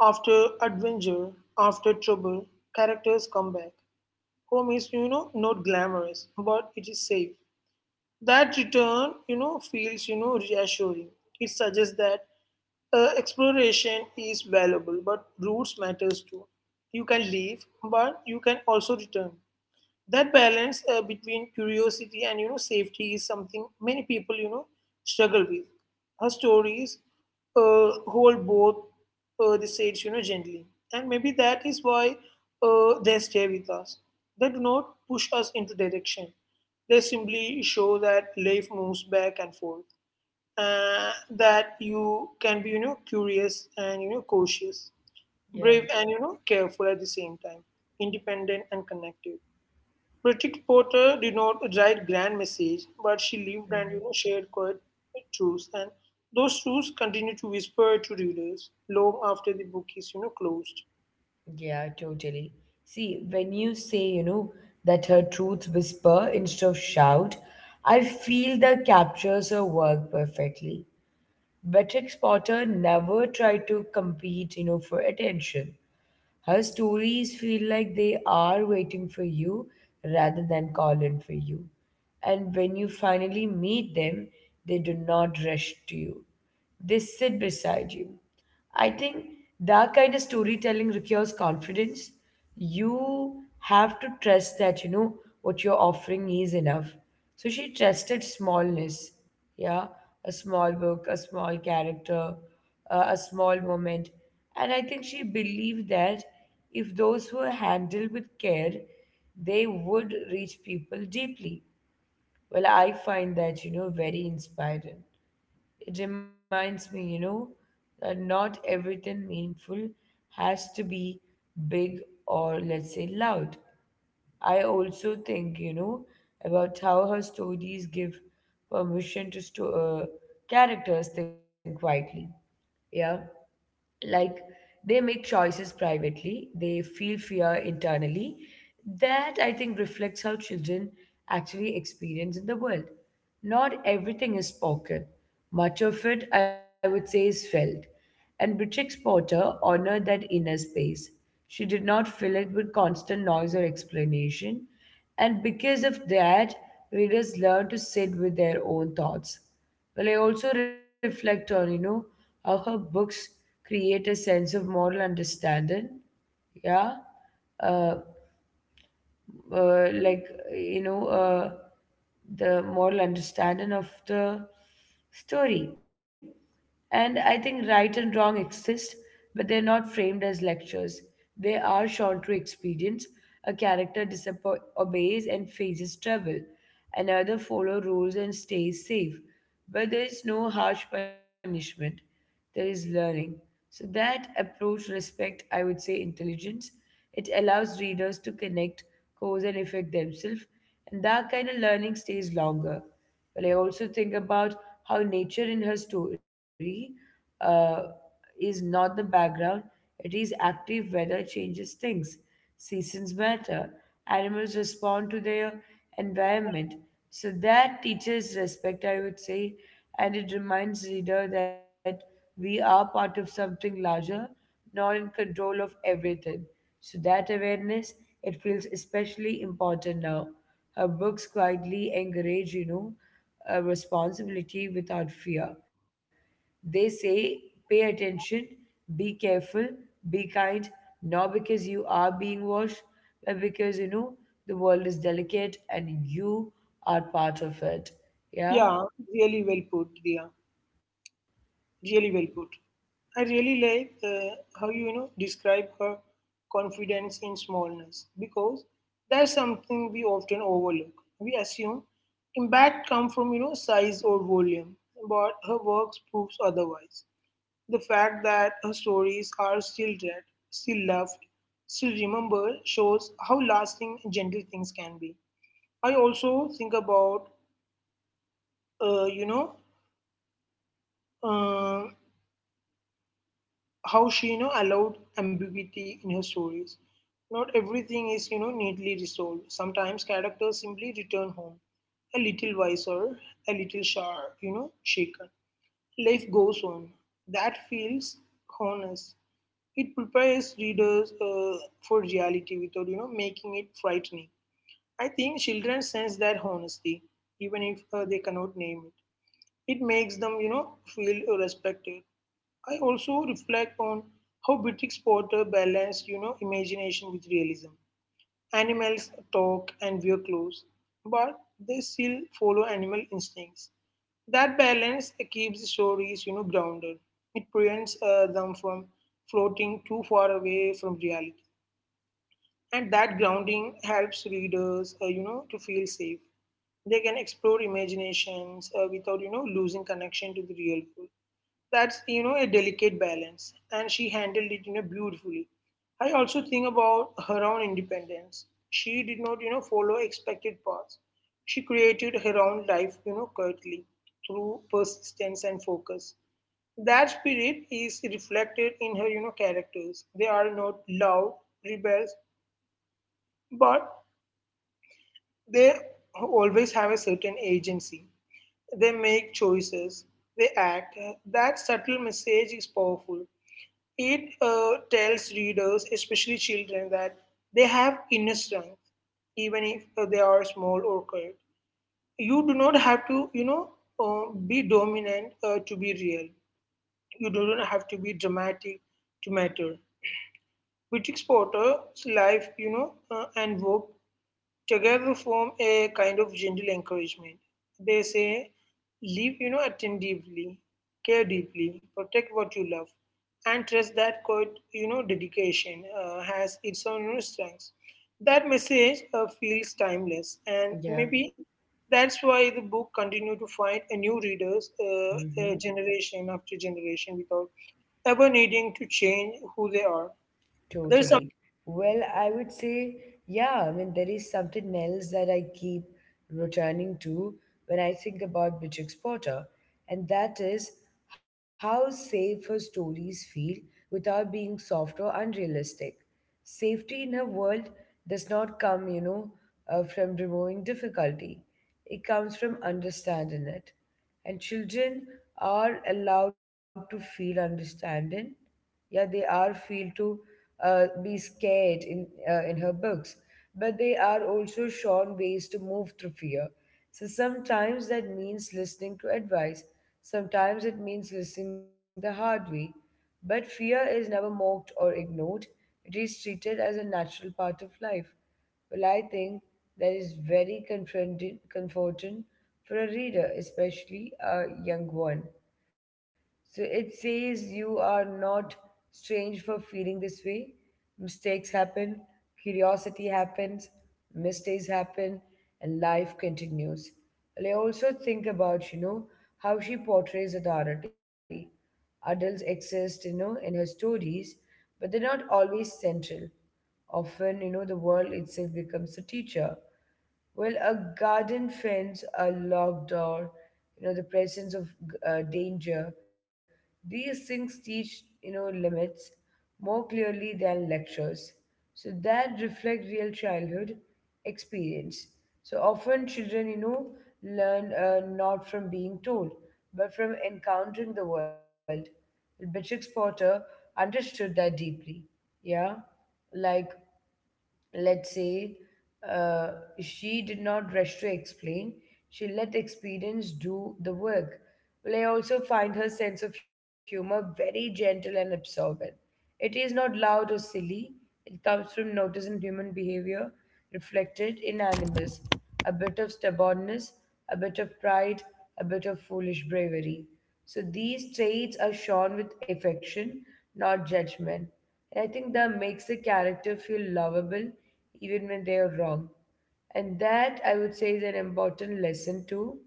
S2: After adventure, after trouble, characters come back. Home is, you know, not glamorous, but it is safe. That return you know, feels, you know, reassuring. It suggests that uh, exploration is valuable, but roots matters too. You can leave, but you can also return. That balance, uh, between curiosity and, you know safety, is something many people you know struggle with. Her stories uh, hold both uh, the sides, you know gently. And maybe that is why uh, they stay with us. They do not push us into direction, they simply show that life moves back and forth. uh, that you can be, you know curious and, you know cautious, brave and, you know careful at
S1: Yeah.
S2: the same time, independent and connected. Bridget Porter did not write grand message, but she lived and, you know, shared quiet truths, and those truths continue to whisper to readers long after the book is you know closed.
S1: Yeah, totally. See, when you say, you know, that her truth whisper instead of shout, I feel that captures her work perfectly. Beatrix Potter never tried to compete, you know, for attention. Her stories feel like they are waiting for you rather than calling for you. And when you finally meet them, they do not rush to you. They sit beside you. I think that kind of storytelling requires confidence. You have to trust that, you know, what you're offering is enough. So she trusted smallness. Yeah. A small book, a small character, uh, a small moment. And I think she believed that if those were handled with care, they would reach people deeply. Well, I find that, you know, very inspiring. It reminds me, you know, that not everything meaningful has to be big or, let's say, loud. I also think, you know, about how her stories give permission to sto- uh, characters think quietly. Yeah, like they make choices privately, they feel fear internally. That I think reflects how children actually experience in the world. Not everything is spoken, much of it I would say is felt, and Beatrix Potter honored that inner space. She did not fill it with constant noise or explanation, and because of that readers learn to sit with their own thoughts. Well, I also reflect on, you know, how her books create a sense of moral understanding. Yeah. Uh, uh, like you know uh, the moral understanding of the story. And I think right and wrong exist, but they're not framed as lectures, they are shown through experience. A character disappo- obeys and faces trouble, another follow rules and stays safe, but there is no harsh punishment, there is learning. So that approach respect, I would say, intelligence. It allows readers to connect cause and effect themselves, and that kind of learning stays longer. But I also think about how nature in her story uh, is not the background; it is active. Weather changes things, seasons matter, animals respond to their environment. So that teaches respect, I would say, and it reminds reader that we are part of something larger, not in control of everything. So that awareness, it feels especially important now. Her books quietly encourage, you know, uh, responsibility without fear. They say, pay attention, be careful, be kind, not because you are being watched, but because you know the world is delicate and you are part of it. Yeah.
S2: Yeah, really well put, Dia. Really well put. I really like uh, how you, you know describe her confidence in smallness, because that's something we often overlook. We assume impact come from, you know size or volume, but her works proves otherwise. The fact that her stories are still read, still loved, still remembered shows how lasting gentle things can be. I also think about, uh, you know, uh, how she, you know, allowed ambiguity in her stories. Not everything is, you know, neatly resolved. Sometimes characters simply return home a little wiser, a little sharp, you know, shaken. Life goes on. That feels honest. It prepares readers uh, for reality without, you know making it frightening. I think children sense that honesty, even if uh, they cannot name it. It makes them, you know feel respected. I also reflect on how British Potter balanced, you know imagination with realism. Animals talk and wear clothes, but they still follow animal instincts. That balance keeps stories, you know, grounded. It prevents uh, them from floating too far away from reality. And that grounding helps readers, uh, you know, to feel safe. They can explore imaginations uh, without, you know, losing connection to the real world. That's, you know, a delicate balance. And she handled it, you know, beautifully. I also think about her own independence. She did not, you know, follow expected paths. She created her own life, you know, curtly, through persistence and focus. That spirit is reflected in her, you know, characters. They are not loud rebels, but they always have a certain agency. They make choices, they act. That subtle message is powerful. It uh, tells readers, especially children, that they have inner strength, even if uh, they are small or quiet. You do not have to, you know, uh, be dominant uh, to be real. You do not have to be dramatic to matter. Which Potter, life, you know, uh, and work together form a kind of gentle encouragement. They say, live, you know, attentively, care deeply, protect what you love, and trust that quote, you know, dedication uh, has its own, you know, strengths. That message uh, feels timeless, and
S1: Yeah.
S2: maybe that's why the book continues to find a new readers uh, uh,
S1: Hmm.
S2: generation after generation without ever needing to change who they are. There's
S1: Totally.
S2: something.
S1: Well, I would say, yeah, I mean, there is something else that I keep returning to when I think about Beatrix Potter, and that is how safe her stories feel without being soft or unrealistic. Safety in her world does not come, you know, uh, from removing difficulty, it comes from understanding it. And children are allowed to feel understanding. Yeah, they are feel to uh, be scared in uh, in her books, but they are also shown ways to move through fear. So sometimes that means listening to advice, sometimes it means listening the hard way, but fear is never mocked or ignored, it is treated as a natural part of life. Well, I think that is very confronting comforting for a reader, especially a young one. So it says you are not strange for feeling this way. Mistakes happen, curiosity happens, mistakes happen, and life continues. And I also think about, you know, how she portrays authority. Adults exist, you know, in her stories, but they're not always central. Often, you know, the world itself becomes the teacher. Well, a garden fence, a locked door, you know, the presence of uh, danger, these things teach, you know, limits more clearly than lectures. So that reflect real childhood experience. So often children, you know, learn uh, not from being told, but from encountering the world. Beatrix Potter understood that deeply. Yeah, like let's say uh, she did not rush to explain, she let experience do the work. Well, I also find her sense of humor very gentle and absorbent. It is not loud or silly, it comes from noticing human behavior reflected in animals, a bit of stubbornness, a bit of pride, a bit of foolish bravery. So these traits are shown with affection, not judgment, and I think that makes a character feel lovable even when they are wrong. And that, I would say, is an important lesson too.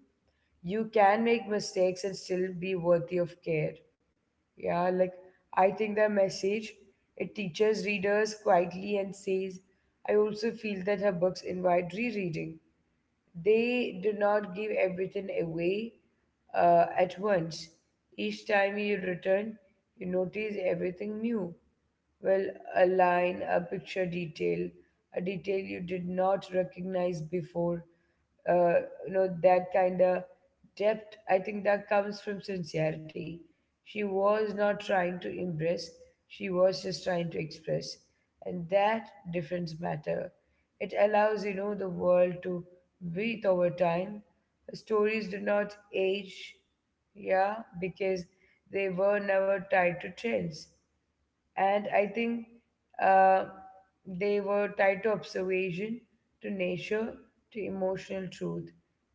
S1: You can make mistakes and still be worthy of care. Yeah, like I think the message it teaches readers quietly and says, I also feel that her books invite rereading. They do not give everything away uh, at once. Each time you return, you notice everything new. Well, a line, a picture detail, a detail you did not recognize before. Uh, you know, that kind of depth, I think that comes from sincerity. She was not trying to impress, she was just trying to express, and that difference matter. It allows, you know, the world to breathe over time. Stories do not age, yeah, because they were never tied to trends, and I think uh, they were tied to observation, to nature, to emotional truth,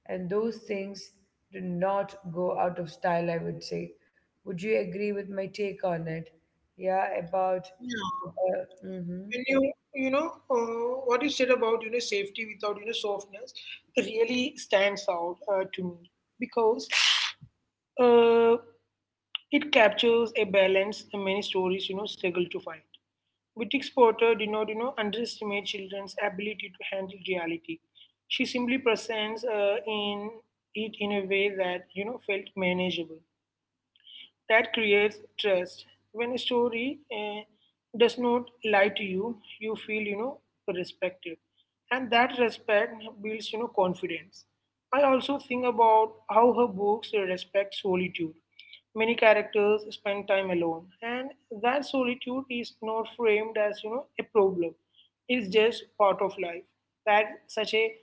S1: and those things do not go out of style. I would say. Would you agree with my take on it? Yeah, about. Uh,
S2: When
S1: mm-hmm.
S2: you you know uh, what you said about, you know safety without, you know softness really stands out uh, to me, because uh, it captures a balance many stories, you know struggle to find. Boutique Porter did not, you know underestimate children's ability to handle reality. She simply presents uh, in it in a way that, you know felt manageable. That creates trust. When a story eh, does not lie to you, you feel, you know respected, and that respect builds, you know confidence. I also think about how her books respect solitude. Many characters spend time alone, and that solitude is not framed as, you know a problem. It's just part of life. That's such a,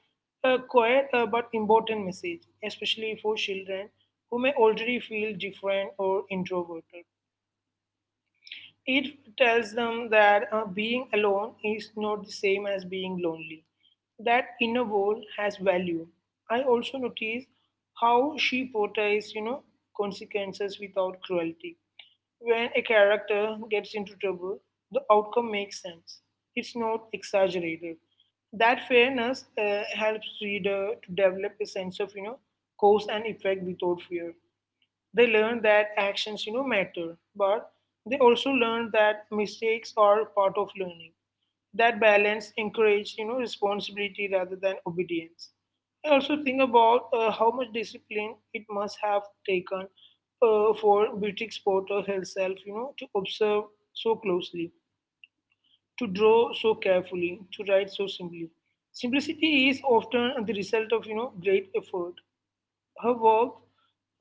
S2: a quiet uh, but important message, especially for children who may already feel different or introverted. It tells them that uh, being alone is not the same as being lonely. That inner world has value. I also notice how she portrays, you know, consequences without cruelty. When a character gets into trouble, the outcome makes sense. It's not exaggerated. That fairness uh, helps reader to develop a sense of, you know cause and effect without fear. They learn that actions, you know matter, but they also learn that mistakes are part of learning. That balance encouraged, you know responsibility rather than obedience. I also think about uh, how much discipline it must have taken uh, for Beatrix Potter herself, you know to observe so closely, to draw so carefully, to write so simply. Simplicity is often the result of, you know great effort. Her work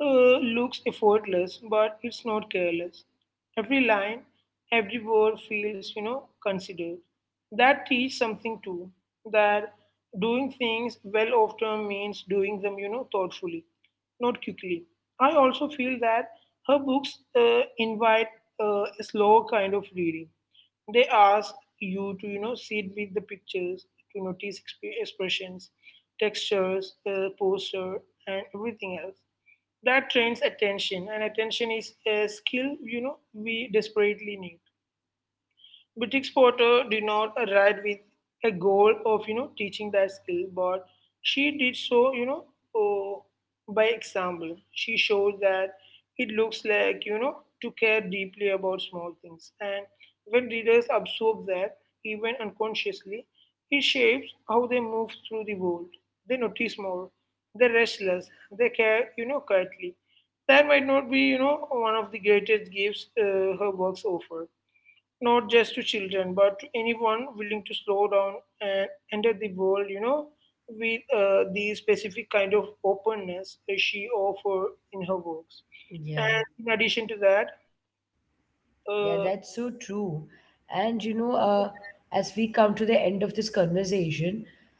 S2: uh, looks effortless, but it's not careless. Every line, every word feels, you know, considered. That teaches something too. That doing things well often means doing them, you know, thoughtfully, not quickly. I also feel that her books uh, invite uh, a slow kind of reading. They ask you to, you know sit with the pictures, to notice exp- expressions, textures, uh, posture, and everything else. That trains attention, and attention is a skill, you know we desperately need. British Potter did not arrive with a goal of, you know teaching that skill, but she did so, you know oh, by example. She showed that it looks like, you know to care deeply about small things, and when readers absorb that, even unconsciously, it shapes how they move through the world. They notice more. They're restless. They care, you know quietly. That might not be, you know one of the greatest gifts uh, her works offer, not just to children, but to anyone willing to slow down and enter the world, you know, with uh, the specific kind of openness that she offered in her works.
S1: Yeah.
S2: And in addition to that,
S1: Yeah, that's so
S2: uh,
S1: true. And you know, uh, as we come to the end of this conversation,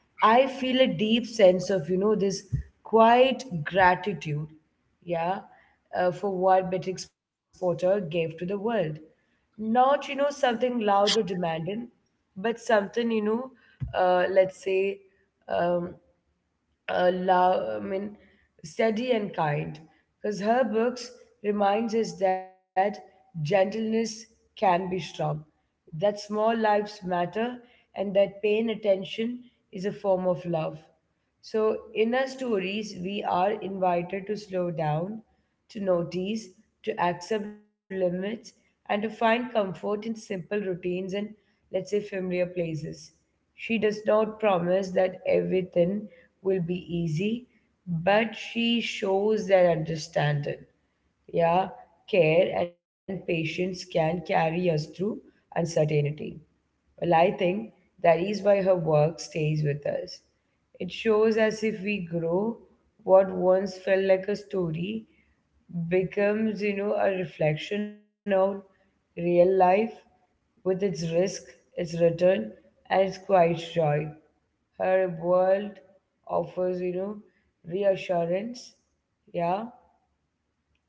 S1: I feel a deep sense of, you know, this quiet gratitude, yeah, uh, for what Beatrix Potter gave to the world. Not, you know, something loud or demanding, but something, you know, uh, let's say, um, uh, love, I mean, steady and kind, because her books reminds us that gentleness can be strong, that small lives matter, and that paying attention is a form of love. So in our stories, we are invited to slow down, to notice, to accept limits, and to find comfort in simple routines and, let's say, familiar places. She does not promise that everything will be easy, but she shows that understanding, yeah, care, and patience can carry us through uncertainty. Well, I think that is why her work stays with us. It shows as if we grow what once felt like a story becomes, you know, a reflection of real life with its risk, its return, and its quiet joy. Her world offers, you know, reassurance, yeah,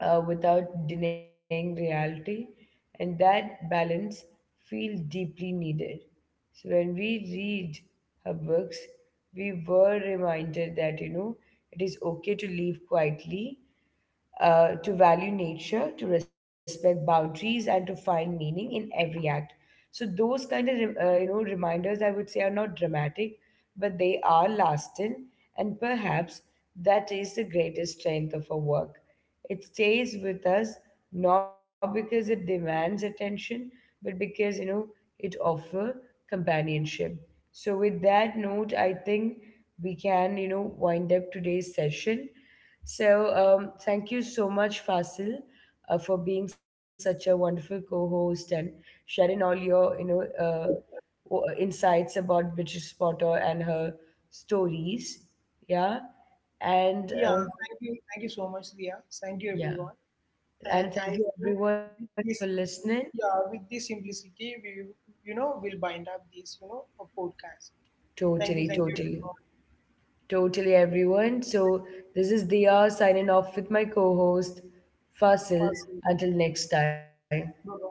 S1: uh, without denying reality, and that balance feels deeply needed. So when we read her books, we were reminded that you know it is okay to live quietly, uh, to value nature, to respect boundaries, and to find meaning in every act. So those kind of re- uh, you know reminders, I would say, are not dramatic, but they are lasting, and perhaps that is the greatest strength of our work. It stays with us not because it demands attention, but because you know it offers companionship. So with that note, I think we can you know wind up today's session. So, um, thank you so much, Fasil, uh, for being such a wonderful co-host and sharing all your, you know, uh, w- insights about British Potter and her stories. Yeah,
S2: yeah,
S1: and um,
S2: thank you, thank you so much, Dia. Thank you, everyone.
S1: yeah,
S2: And
S1: and
S2: I
S1: thank you
S2: think
S1: everyone
S2: with
S1: for
S2: this,
S1: listening.
S2: yeah, with this simplicity, we, you know, will bind up this, you know, a podcast. Thank you, thank
S1: Totally,
S2: you,
S1: totally, totally, everyone. So this is Dia signing off with my co-host Fasil.
S2: everyone.
S1: Until next time.
S2: Bye.